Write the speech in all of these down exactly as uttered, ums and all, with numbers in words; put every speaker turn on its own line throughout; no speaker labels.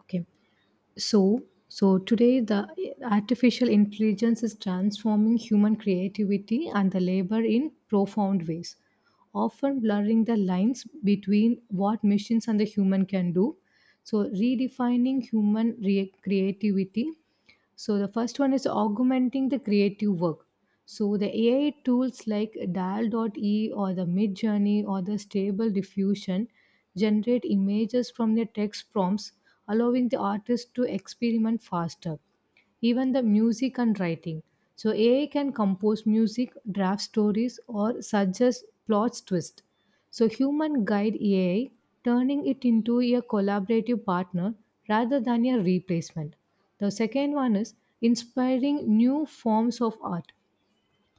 Okay. So, so today the artificial intelligence is transforming human creativity and the labor in profound ways, often blurring the lines between what machines and the human can do. So, redefining human re- creativity, so the first one is augmenting the creative work. So the A I tools like Dial. Dot e or the Midjourney or the Stable Diffusion generate images from their text prompts, allowing the artist to experiment faster, even the music and writing. So A I can compose music, draft stories, or suggest plot twist. So human guide A I, turning it into a collaborative partner rather than a replacement. The second one is inspiring new forms of art.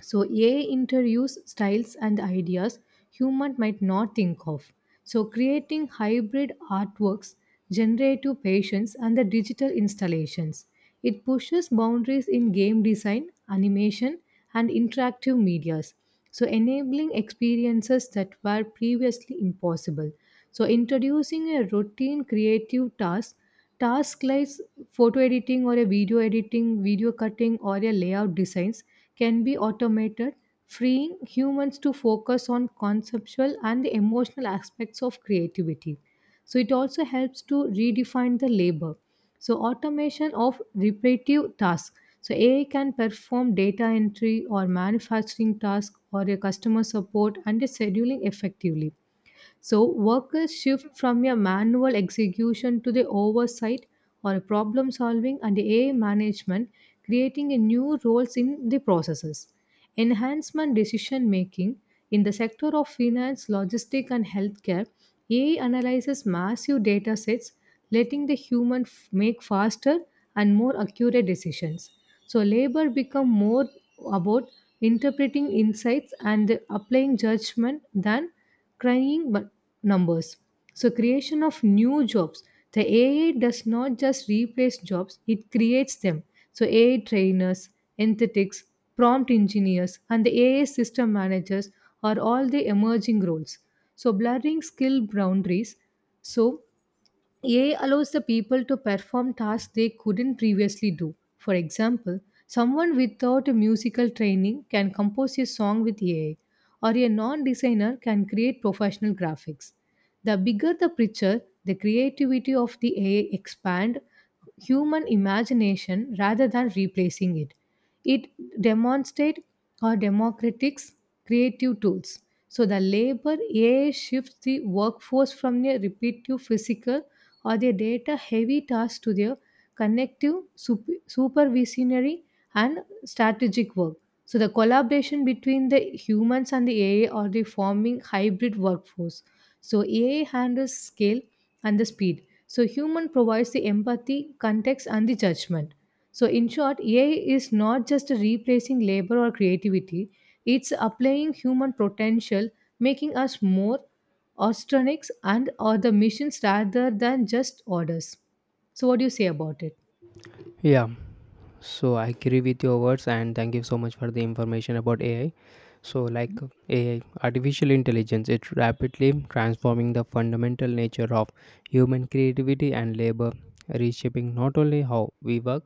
So A I interviews styles and ideas human might not think of. So creating hybrid artworks, generative patients and the digital installations. It pushes boundaries in game design, animation and interactive medias. So enabling experiences that were previously impossible. So introducing a routine creative task. Tasks like photo editing or a video editing, video cutting or a layout designs can be automated, freeing humans to focus on conceptual and the emotional aspects of creativity. So it also helps to redefine the labor. So automation of repetitive tasks. So A I can perform data entry or manufacturing tasks or a customer support and a scheduling effectively. So, workers shift from a manual execution to the oversight or problem solving and A I management, creating a new roles in the processes. Enhancement decision making in the sector of finance, logistics, and healthcare, A I analyzes massive data sets, letting the human f- make faster and more accurate decisions. So, labor become more about interpreting insights and applying judgment than crying numbers. So, creation of new jobs. The A I does not just replace jobs, it creates them. So, A I trainers, anesthetics, prompt engineers, and the A I system managers are all the emerging roles. So, blurring skill boundaries. So, A I allows the people to perform tasks they couldn't previously do. For example, someone without a musical training can compose a song with A I, or a non designer can create professional graphics. The bigger the picture, the creativity of the A I expand human imagination rather than replacing it. It demonstrates our democratic's creative tools. So the labor A I shifts the workforce from their repetitive physical or their data heavy tasks to their connective sup- supervisionary and strategic work. So the collaboration between the humans and the A I are the forming hybrid workforce. So A I handles scale and the speed so human provides the empathy, context, and the judgment. So in short, A I is not just replacing labor or creativity; it's applying human potential, making us more ostronics and or the missions rather than just orders. So what do you say about it?
Yeah, so I agree with your words and thank you so much for the information about A I. So like A I, artificial intelligence, it's rapidly transforming the fundamental nature of human creativity and labor, reshaping not only how we work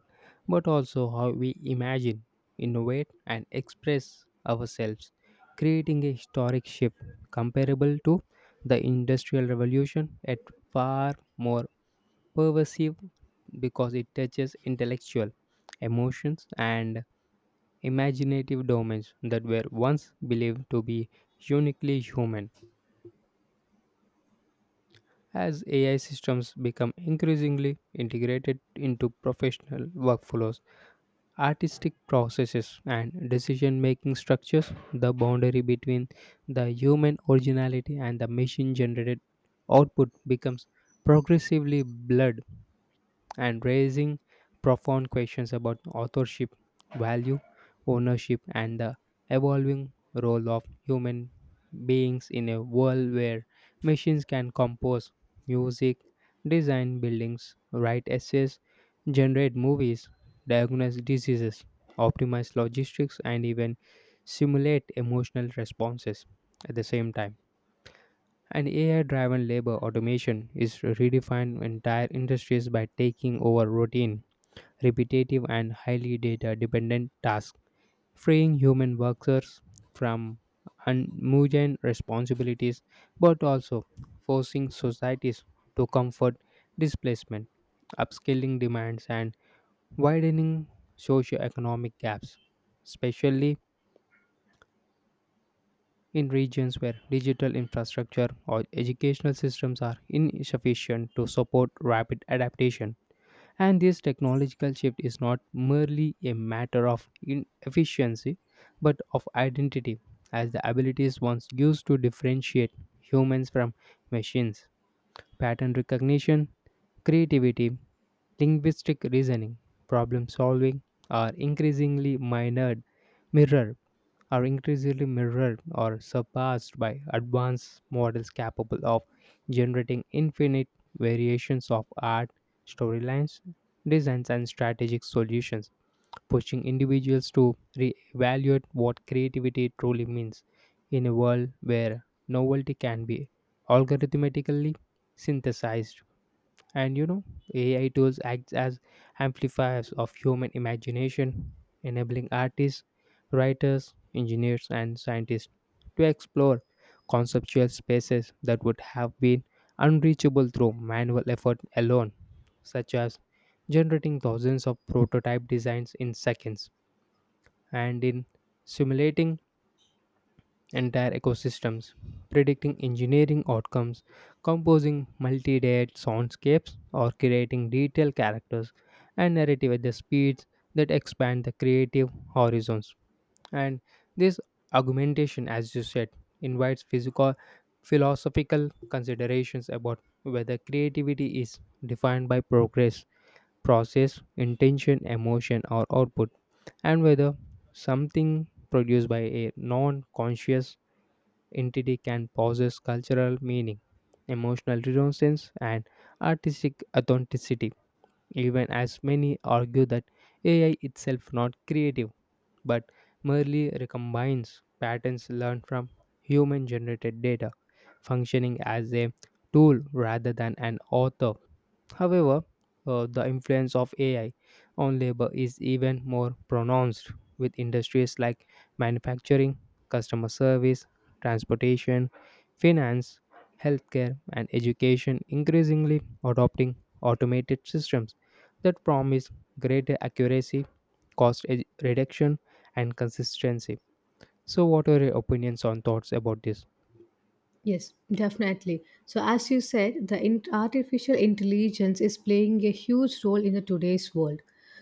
but also how we imagine, innovate and express ourselves, creating a historic shift comparable to the industrial revolution at far more pervasive because it touches intellectual, emotions, and imaginative domains that were once believed to be uniquely human. As A I systems become increasingly integrated into professional workflows, artistic processes, and decision making structures, the boundary between the human originality and the machine generated output becomes progressively blurred and raising profound questions about authorship, value, ownership, and the evolving role of human beings in a world where machines can compose music, design buildings, write essays, generate movies, diagnose diseases, optimize logistics, and even simulate emotional responses at the same time. And A I driven labor automation is redefining entire industries by taking over routine, repetitive, and highly data dependent tasks, freeing human workers from unmooden responsibilities but also forcing societies to comfort displacement, upskilling demands, and widening socioeconomic gaps, especially in regions where digital infrastructure or educational systems are insufficient to support rapid adaptation. And this technological shift is not merely a matter of inefficiency but of identity, as the abilities once used to differentiate humans from machines, pattern recognition, creativity, linguistic reasoning, problem solving are increasingly minored, Mirror are increasingly mirrored or surpassed by advanced models capable of generating infinite variations of art, storylines, designs, and strategic solutions, pushing individuals to reevaluate what creativity truly means in a world where novelty can be algorithmically synthesized. And you know, A I tools act as amplifiers of human imagination, enabling artists, writers, engineers, and scientists to explore conceptual spaces that would have been unreachable through manual effort alone, such as generating thousands of prototype designs in seconds and in simulating entire ecosystems, predicting engineering outcomes, composing multi layered soundscapes, or creating detailed characters and narrative at the speeds that expand the creative horizons. And this augmentation, as you said, invites physical philosophical considerations about whether creativity is defined by progress, process, intention, emotion, or output, and whether something produced by a non conscious entity can possess cultural meaning, emotional resonance, and artistic authenticity, even as many argue that A I itself not creative but merely recombines patterns learned from human generated data, functioning as a tool rather than an author. However, uh, the influence of A I on labor is even more pronounced with industries like manufacturing, customer service, transportation, finance, healthcare, and education increasingly adopting automated systems that promise greater accuracy, cost e- reduction, and consistency. So, what are your opinions on thoughts about this?
Yes, definitely. So, as you said, the in- artificial intelligence is playing a huge role in the today's world.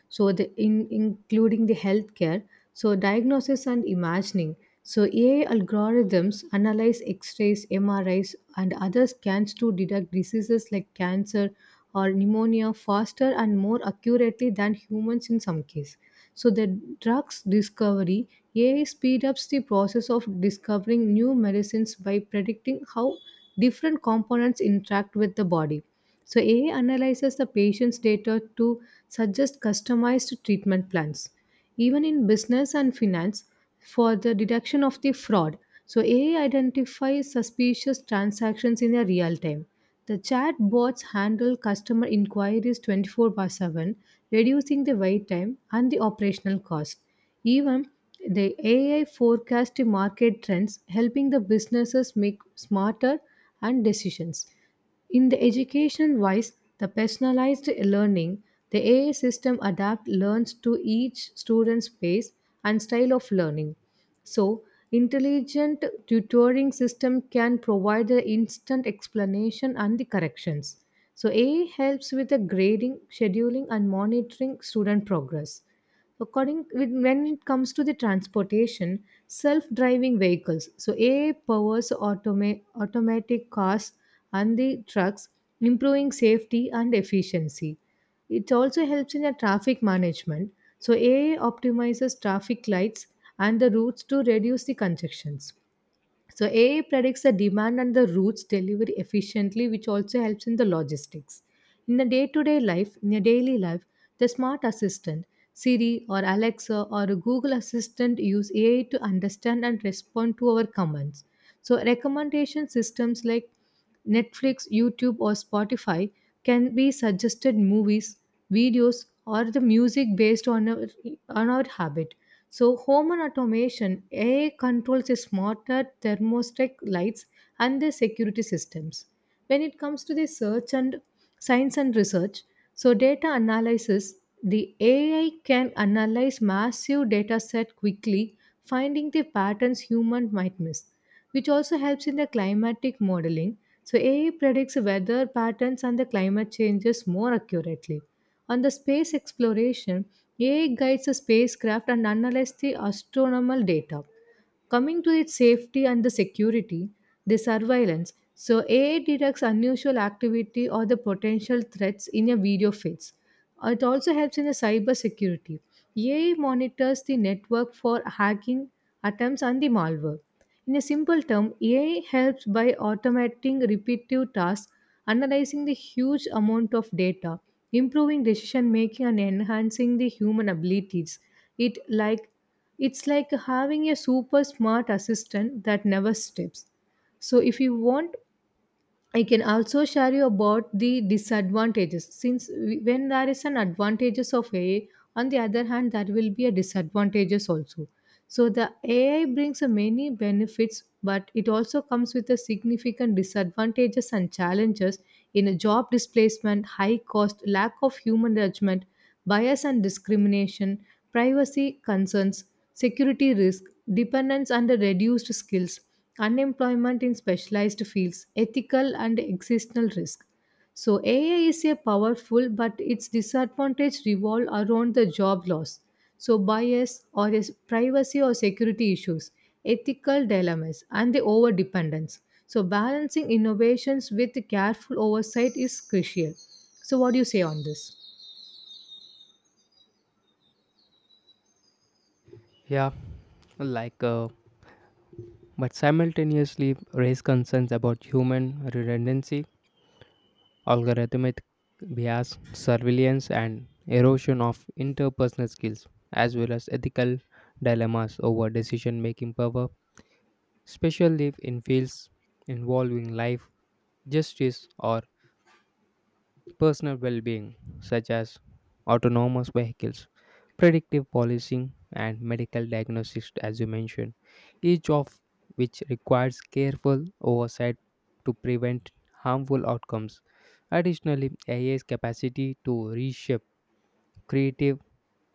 So, the in including the healthcare, so diagnosis and imagining. So, A I algorithms analyze X-rays, M R Is, and other scans to detect diseases like cancer or pneumonia faster and more accurately than humans in some cases. So the drugs discovery A I speed ups the process of discovering new medicines by predicting how different components interact with the body. So A I analyzes the patient's data to suggest customized treatment plans. Even in business and finance, for the detection of the fraud. So A I identifies suspicious transactions in a real time. The chatbots handle customer inquiries twenty-four by seven, reducing the wait time and the operational cost. Even the A I forecasts the market trends, helping the businesses make smarter and decisions. In the education wise, the personalized learning, the A I system adapt learns to each student's pace and style of learning. So, intelligent tutoring system can provide the instant explanation and the corrections. So, A I helps with the grading, scheduling and monitoring student progress. According with- when it comes to the transportation, self-driving vehicles, so A I powers automa- automatic cars and the trucks, improving safety and efficiency. It also helps in the traffic management. So A I optimizes traffic lights and the routes to reduce the congestions. So A I predicts the demand and the routes delivery efficiently, which also helps in the logistics. In the day-to-day life, in your daily life, the smart assistant, Siri or Alexa or a Google Assistant use A I to understand and respond to our commands. So recommendation systems like Netflix, YouTube, or Spotify can be suggested movies, videos, or the music based on our on our habit. So, home and automation, A I controls the smarter thermostat lights and the security systems. When it comes to the search and science and research, so data analysis, the A I can analyze massive data set quickly, finding the patterns human might miss, which also helps in the climatic modeling. So A I predicts weather patterns and the climate changes more accurately. On the space exploration, A I guides the spacecraft and analyzes the astronomical data. Coming to its safety and the security, the surveillance. So A I detects unusual activity or the potential threats in a video feeds. It also helps in the cyber security. A I monitors the network for hacking attempts and the malware. In a simple term, A I helps by automating repetitive tasks, analyzing the huge amount of data, improving decision making and enhancing the human abilities. It like it's like having a super smart assistant that never sleeps. So if you want, I can also share you about the disadvantages. Since we- when there is an advantages of A I, on the other hand, there will be a disadvantages also. So the A I brings a many benefits, but it also comes with a significant disadvantages and challenges in a job displacement, high cost, lack of human judgment, bias and discrimination, privacy concerns, security risk, dependence and reduced skills, unemployment in specialized fields, ethical and existential risk. So A I is a powerful, but its disadvantage revolve around the job loss. So bias or is privacy or security issues, ethical dilemmas, and the over dependence. So balancing innovations with careful oversight is crucial. So what do you say on this?
Yeah, like, uh, but simultaneously raise concerns about human redundancy, algorithmic bias, surveillance, and erosion of interpersonal skills, as well as ethical dilemmas over decision making power, especially in fields involving life, justice, or personal well being, such as autonomous vehicles, predictive policing, and medical diagnosis, as you mentioned, each of which requires careful oversight to prevent harmful outcomes. Additionally, A I's capacity to reshape creative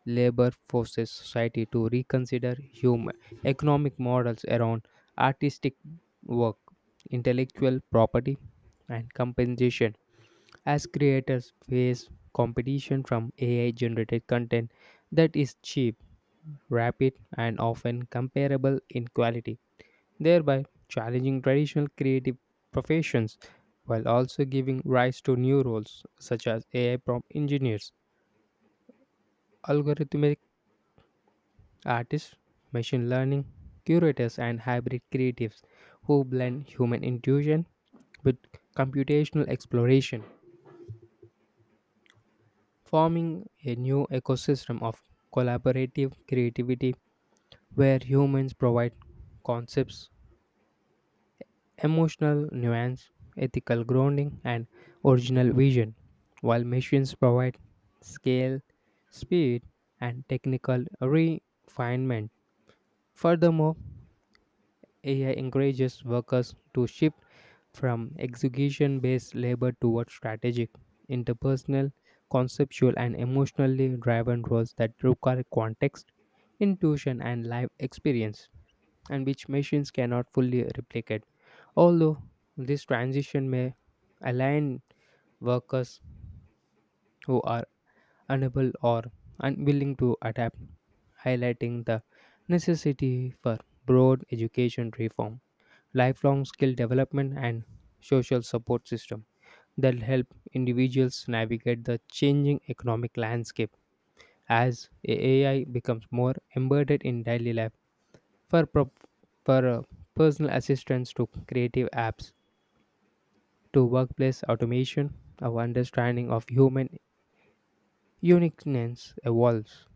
labor forces society to reconsider human economic models around artistic work, intellectual property, and compensation as creators face competition from A I generated content that is cheap, rapid, and often comparable in quality, thereby challenging traditional creative professions while also giving rise to new roles such as A I prompt engineers, algorithmic artists, machine learning curators, and hybrid creatives who blend human intuition with computational exploration, forming a new ecosystem of collaborative creativity where humans provide concepts, emotional nuance, ethical grounding, and original vision, while machines provide scale, speed, and technical refinement. Furthermore, A I encourages workers to shift from execution based labor towards strategic, interpersonal, conceptual, and emotionally driven roles that require context, intuition, and life experience, and which machines cannot fully replicate. Although this transition may align workers who are unable or unwilling to adapt, highlighting the necessity for broad education reform lifelong skill development, and social support system that help individuals navigate the changing economic landscape as A I becomes more embedded in daily life. For, pro- for uh, personal assistance to creative apps, to workplace automation, our understanding of human uniqueness evolves,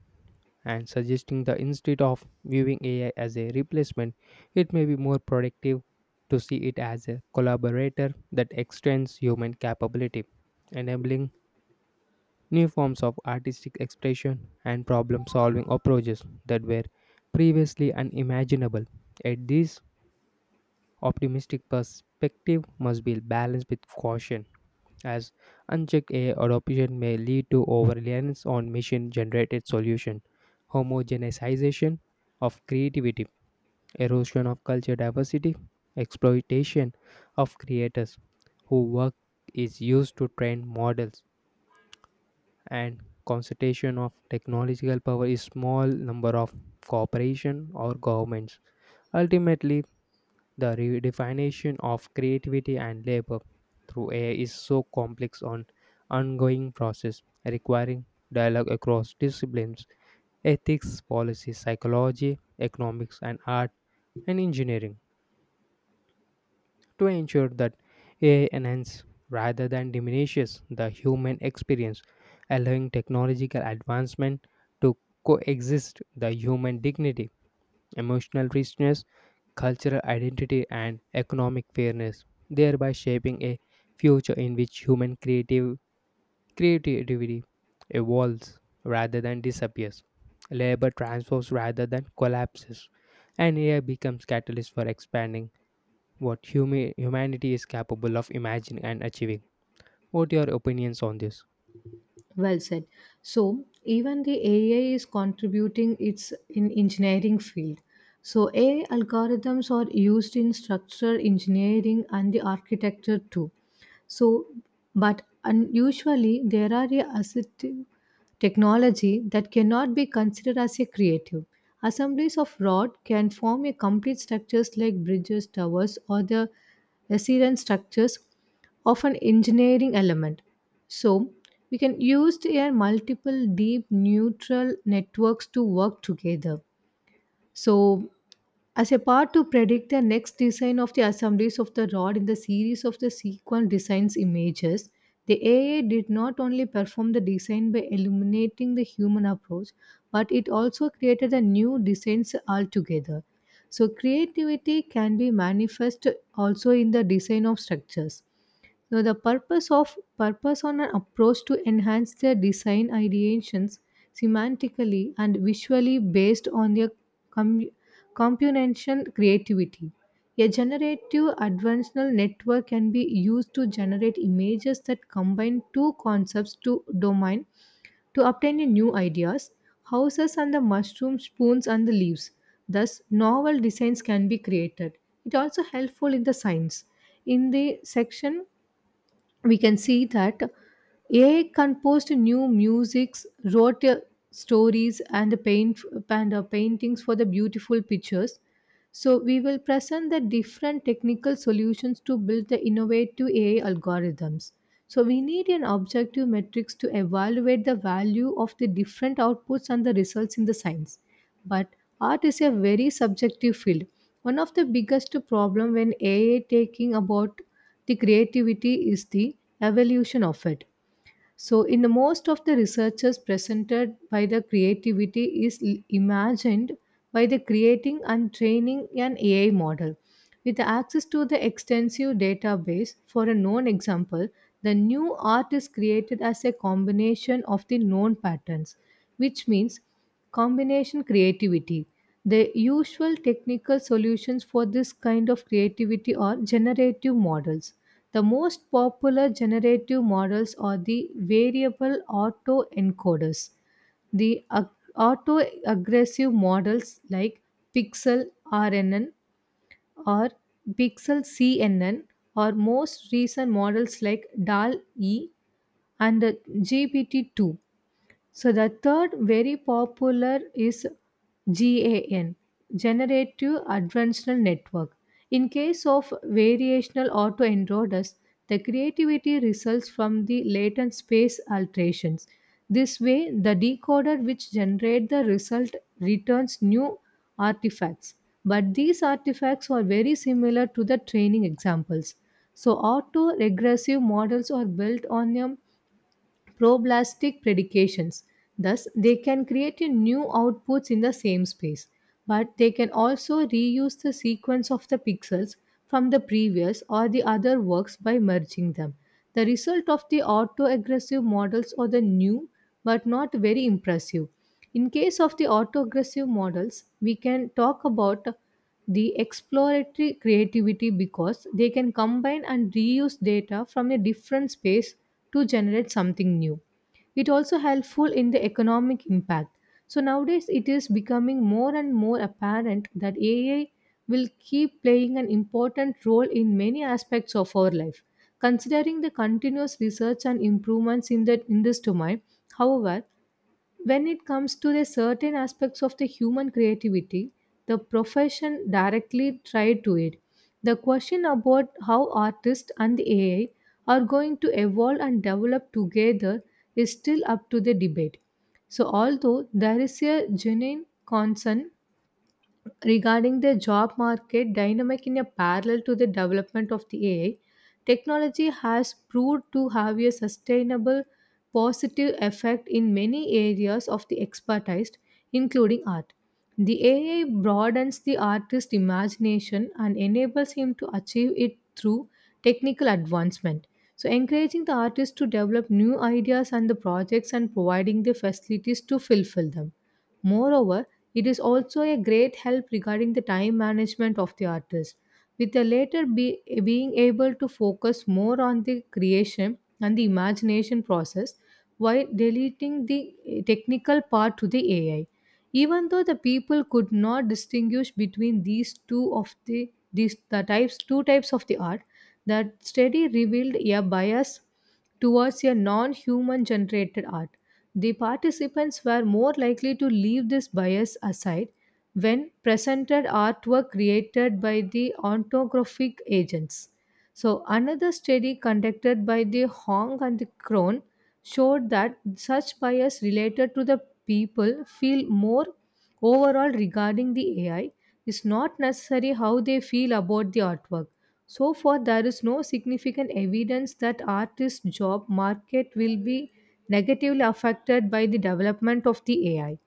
and suggesting that instead of viewing A I as a replacement, it may be more productive to see it as a collaborator that extends human capability, enabling new forms of artistic expression and problem solving approaches that were previously unimaginable. Yet, this optimistic perspective must be balanced with caution as unchecked a- adoption may lead to overreliance on machine-generated solution, homogenization of creativity, erosion of culture diversity, exploitation of creators whose work is used to train models, and concentration of technological power in small number of corporation or governments. Ultimately, the redefinition of creativity and labor through A I is so complex and ongoing process requiring dialogue across disciplines, ethics, policy, psychology, economics and art and engineering to ensure that A I enhances rather than diminishes the human experience, allowing technological advancement to coexist the human dignity, emotional richness cultural identity, and economic fairness, thereby shaping a future in which human creative creativity evolves rather than disappears. Labor transforms rather than collapses, and A I becomes catalyst for expanding what humi- humanity is capable of imagining and achieving. What your opinions on this?
Well said. So even the A I is contributing its in engineering field. So A I algorithms are used in structural engineering and the architecture too. So, but unusually, there are a assistive technology that cannot be considered as a creative. Assemblies of rod can form a complete structures like bridges, towers, or the resilient structures of an engineering element. So, we can use their multiple deep neural networks to work together. So, as a part to predict the next design of the assemblies of the rod in the series of the sequence designs images, the A I did not only perform the design by eliminating the human approach, but it also created a new designs altogether. So creativity can be manifest also in the design of structures. Now the purpose of purpose on an approach to enhance their design ideations semantically and visually based on their com- comprehension creativity. A generative adversarial network can be used to generate images that combine two concepts to domain to obtain a new ideas, houses and the mushroom spoons and the leaves. Thus, novel designs can be created. It also helpful in the science. In the section we can see that A I composed new musics, wrote uh, stories and paint and uh, paintings for the beautiful pictures. So we will present the different technical solutions to build the innovative A I algorithms. So we need an objective metrics to evaluate the value of the different outputs and the results in the science. But art is a very subjective field. One of the biggest problem when A I taking about the creativity is the evolution of it. So, in the most of the researchers presented by the creativity is l- imagined by the creating and training an A I model. With access to the extensive database, for a known example, the new art is created as a combination of the known patterns, which means combination creativity. The usual technical solutions for this kind of creativity are generative models. The most popular generative models are the variable autoencoders, the ag- aggressive models like Pixel R N N or Pixel C N N, or most recent models like D A L E and G P T two. So, the third very popular is GAN, Generative Adversarial Network. In case of variational autoenrodus, the creativity results from the latent space alterations. This way, the decoder which generates the result returns new artifacts. But these artifacts are very similar to the training examples. So, auto regressive models are built on a problastic predications. Thus, they can create a new outputs in the same space, but they can also reuse the sequence of the pixels from the previous or the other works by merging them. The result of the autoaggressive models are the new but not very impressive. In case of the autoaggressive models, we can talk about the exploratory creativity because they can combine and reuse data from a different space to generate something new. It also helpful in the economic impact. So nowadays it is becoming more and more apparent that AI will keep playing an important role in many aspects of our life, considering the continuous research and improvements in that in this domain. However, when it comes to the certain aspects of the human creativity, the profession directly tried to it. The question about how artists and the AI are going to evolve and develop together is still up to the debate. So although there is a genuine concern regarding their job market dynamic in a parallel to the development of the A I, technology has proved to have a sustainable positive effect in many areas of the expertise, including art. The A I broadens the artist's imagination and enables him to achieve it through technical advancement. So, encouraging the artist to develop new ideas and the projects and providing the facilities to fulfill them. Moreover, it is also a great help regarding the time management of the artist, with the latter be, being able to focus more on the creation and the imagination process while deleting the eh, technical part to the A I. Even though the people could not distinguish between these two of the these the types two types of the art, that study revealed a bias towards a non-human generated art. The participants were more likely to leave this bias aside when presented artwork created by the ontographic agents. So, another study conducted by the Hong and the Krohn showed that such bias related to the people feel more overall regarding the A I is not necessarily how they feel about the artwork. So far, there is no significant evidence that artists' job market will be negatively affected by the development of the A I.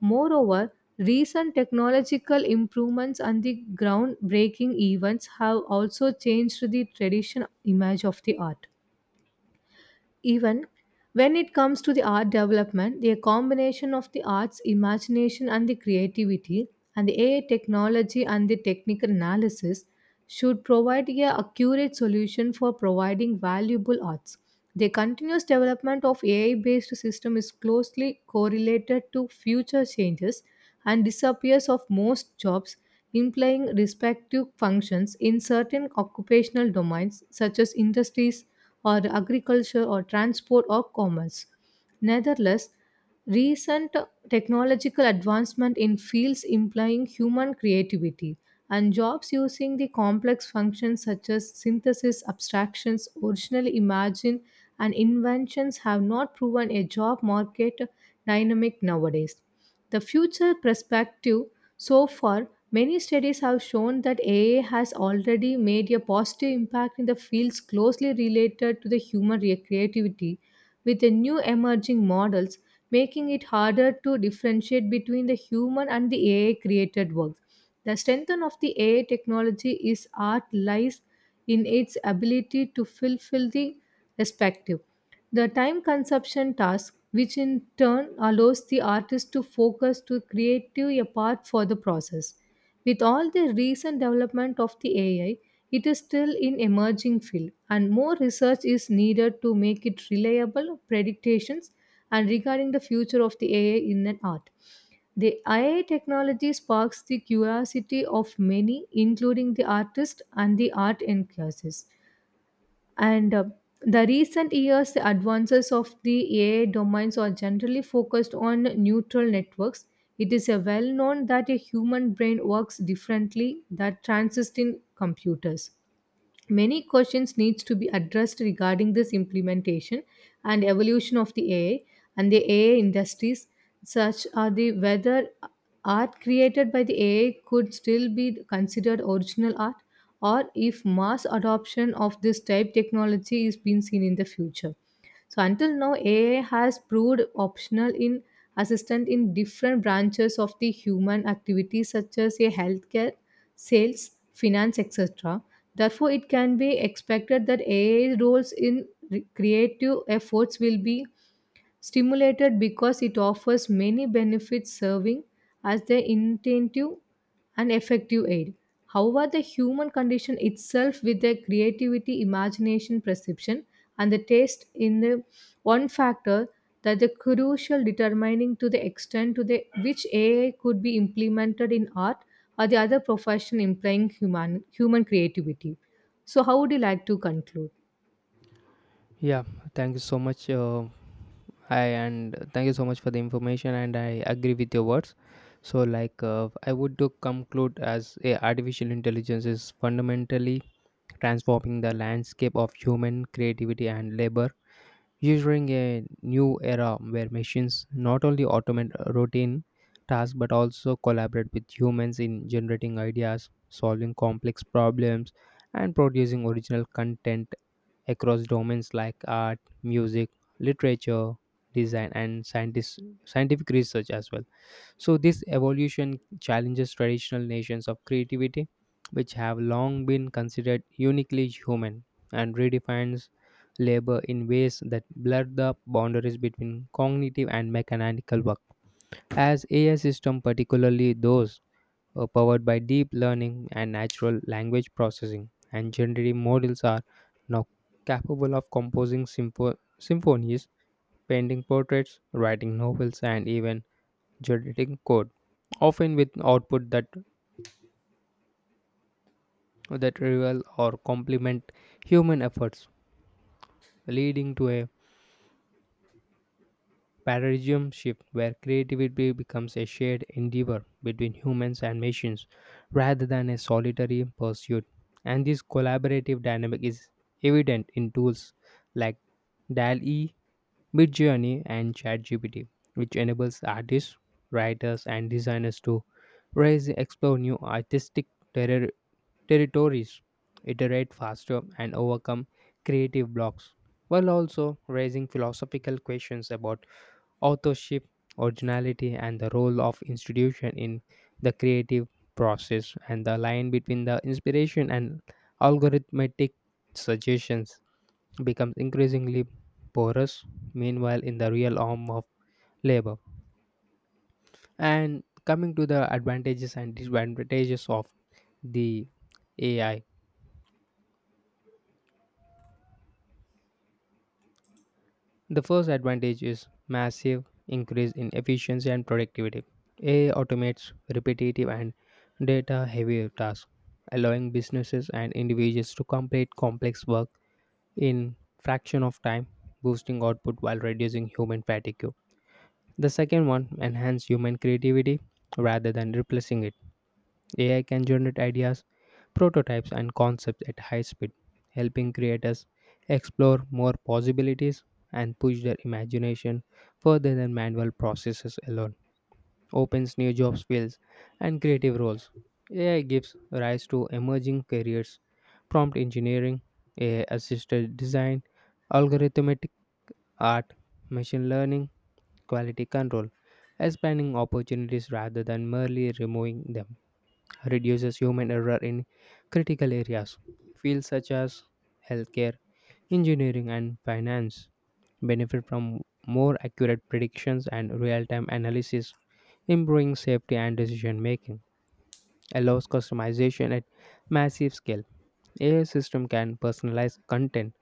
Moreover, recent technological improvements and the groundbreaking events have also changed the traditional image of the art, even when it comes to the art development. The combination of the arts imagination and the creativity and the AI technology and the technical analysis should provide a accurate solution for providing valuable arts. The continuous development of AI based system is closely correlated to future changes and disappears of most jobs, implying respective functions in certain occupational domains such as industries or agriculture or transport or commerce. Nevertheless, recent technological advancement in fields implying human creativity and jobs using the complex functions such as synthesis, abstractions, original imagine, and inventions have not proven a job market dynamic nowadays. The future perspective so far, many studies have shown that A I has already made a positive impact in the fields closely related to the human re- creativity, with the new emerging models making it harder to differentiate between the human and the A I created works. The strength of the A I technology is art lies in its ability to fulfill the respective. The time consumption task, which in turn allows the artist to focus to creative a part for the process. With all the recent development of the A I, it is still in emerging field and more research is needed to make it reliable predictions and regarding the future of the A I in an art. The A I technology sparks the curiosity of many, including the artist and the art enthusiasts. And uh, the recent years, the advances of the A I domains are generally focused on neural networks. It is a well known that a human brain works differently that transist in computers. Many questions needs to be addressed regarding this implementation and evolution of the A I and the A I industries, such are the whether art created by the A I could still be considered original art or if mass adoption of this type technology is being seen in the future. So until now, A I has proved optional in assistant in different branches of the human activities such as a healthcare, sales, finance, et cetera. Therefore, it can be expected that AI's roles in re- creative efforts will be stimulated because it offers many benefits serving as their intentive and effective aid. However, the human condition itself with their creativity, imagination, perception, and the taste in the one factor that the crucial determining to the extent to the which A I could be implemented in art or the other profession implying human human creativity. So how would you like to conclude?
Yeah, thank you so much. Uh, I and thank you so much for the information, and I agree with your words. So, like, uh, I would to conclude as a artificial intelligence is fundamentally transforming the landscape of human creativity and labor ushering a new era where machines not only automate routine tasks but also collaborate with humans in generating ideas, solving complex problems, and producing original content across domains like art, music, literature, design, and scientist, scientific research as well. So, this evolution challenges traditional notions of creativity, which have long been considered uniquely human, and redefines labor in ways that blur the boundaries between cognitive and mechanical work. As A I systems, particularly those uh, powered by deep learning and natural language processing, and generative models are now capable of composing sympho- symphonies, painting portraits, writing novels, and even generating code, often with output that, that rival or complement human efforts, leading to a paradigm shift where creativity becomes a shared endeavor between humans and machines rather than a solitary pursuit. And this collaborative dynamic is evident in tools like DALL E, Midjourney, and ChatGPT, which enables artists, writers, and designers to raise and explore new artistic terri- territories, iterate faster, and overcome creative blocks, while also raising philosophical questions about authorship, originality, and the role of institution in the creative process, and the line between the inspiration and algorithmic suggestions becomes increasingly porous. Meanwhile, in the real arm of labor, and coming to the advantages and disadvantages of the A I, the first advantage is massive increase in efficiency and productivity. A I automates repetitive and data heavy tasks, allowing businesses and individuals to complete complex work in fraction of time, boosting output while reducing human fatigue. The second one enhance human creativity rather than replacing it. A I can generate ideas prototypes and concepts at high speed, helping creators explore more possibilities and push their imagination further than manual processes alone. Opens new jobs fields and creative roles. A I gives rise to emerging careers, prompt engineering, A I assisted design, algorithmic art, machine learning, quality control, expanding opportunities rather than merely removing them reduces human error in critical areas. Fields such as healthcare, engineering, and finance benefit from more accurate predictions and real time analysis, improving safety and decision making, allows customization at massive scale. A I system can personalize content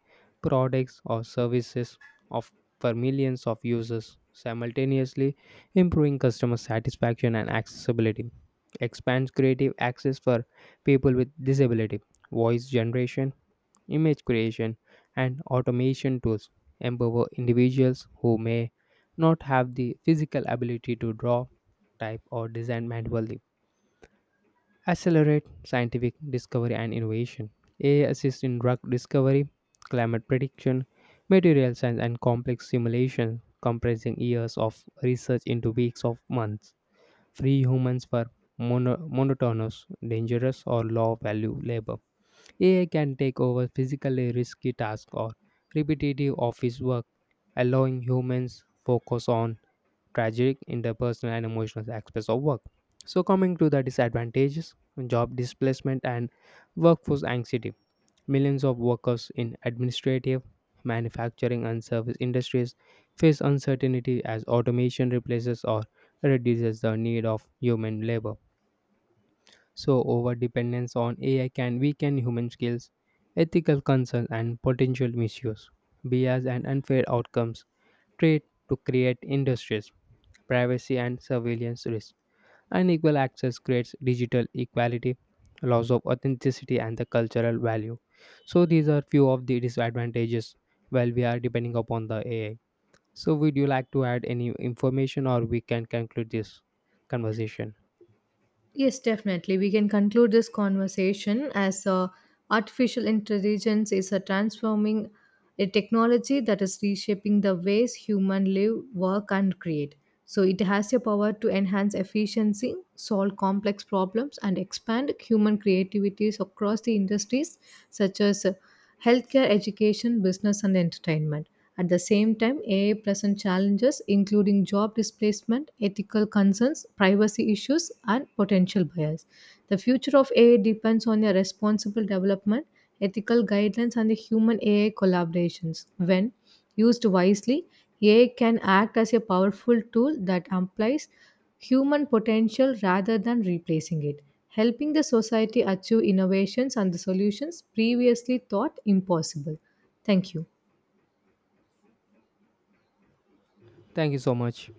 products or services of for millions of users, simultaneously improving customer satisfaction and accessibility. Expands creative access for people with disability, voice generation, image creation, and automation tools empower individuals who may not have the physical ability to draw, type, or design manually accelerate scientific discovery and innovation. A I assists in drug discovery, climate prediction, material science, and complex simulation, compressing years of research into weeks of months. Free humans for mono- monotonous, dangerous, or low value labor. A I can take over physically risky tasks or repetitive office work, allowing humans focus on tragic interpersonal and emotional aspects of work. So, coming to the disadvantages, job displacement and workforce anxiety. Millions of workers in administrative, manufacturing, and service industries face uncertainty as automation replaces or reduces the need of human labor. So, over dependence on A I can weaken human skills, ethical concerns, and potential misuse, bias, and unfair outcomes trade to create industries privacy and surveillance risk, unequal access creates digital equality, loss of authenticity, and the cultural value. So these are few of the disadvantages while we are depending upon the A I. So would you like to add any information or we can conclude this conversation?
Yes, definitely. We can conclude this conversation as uh, artificial intelligence is a transforming a technology that is reshaping the ways humans live, work, and create. So it has the power to enhance efficiency, solve complex problems, and expand human creativities across the industries such as uh, healthcare, education, business, and entertainment. At the same time, A I presents challenges including job displacement, ethical concerns, privacy issues, and potential bias. The future of A I depends on a responsible development, ethical guidelines, and the human A I collaborations. When used wisely, A I can act as a powerful tool that amplifies human potential rather than replacing it, helping the society achieve innovations and the solutions previously thought impossible. Thank you.
Thank you so much.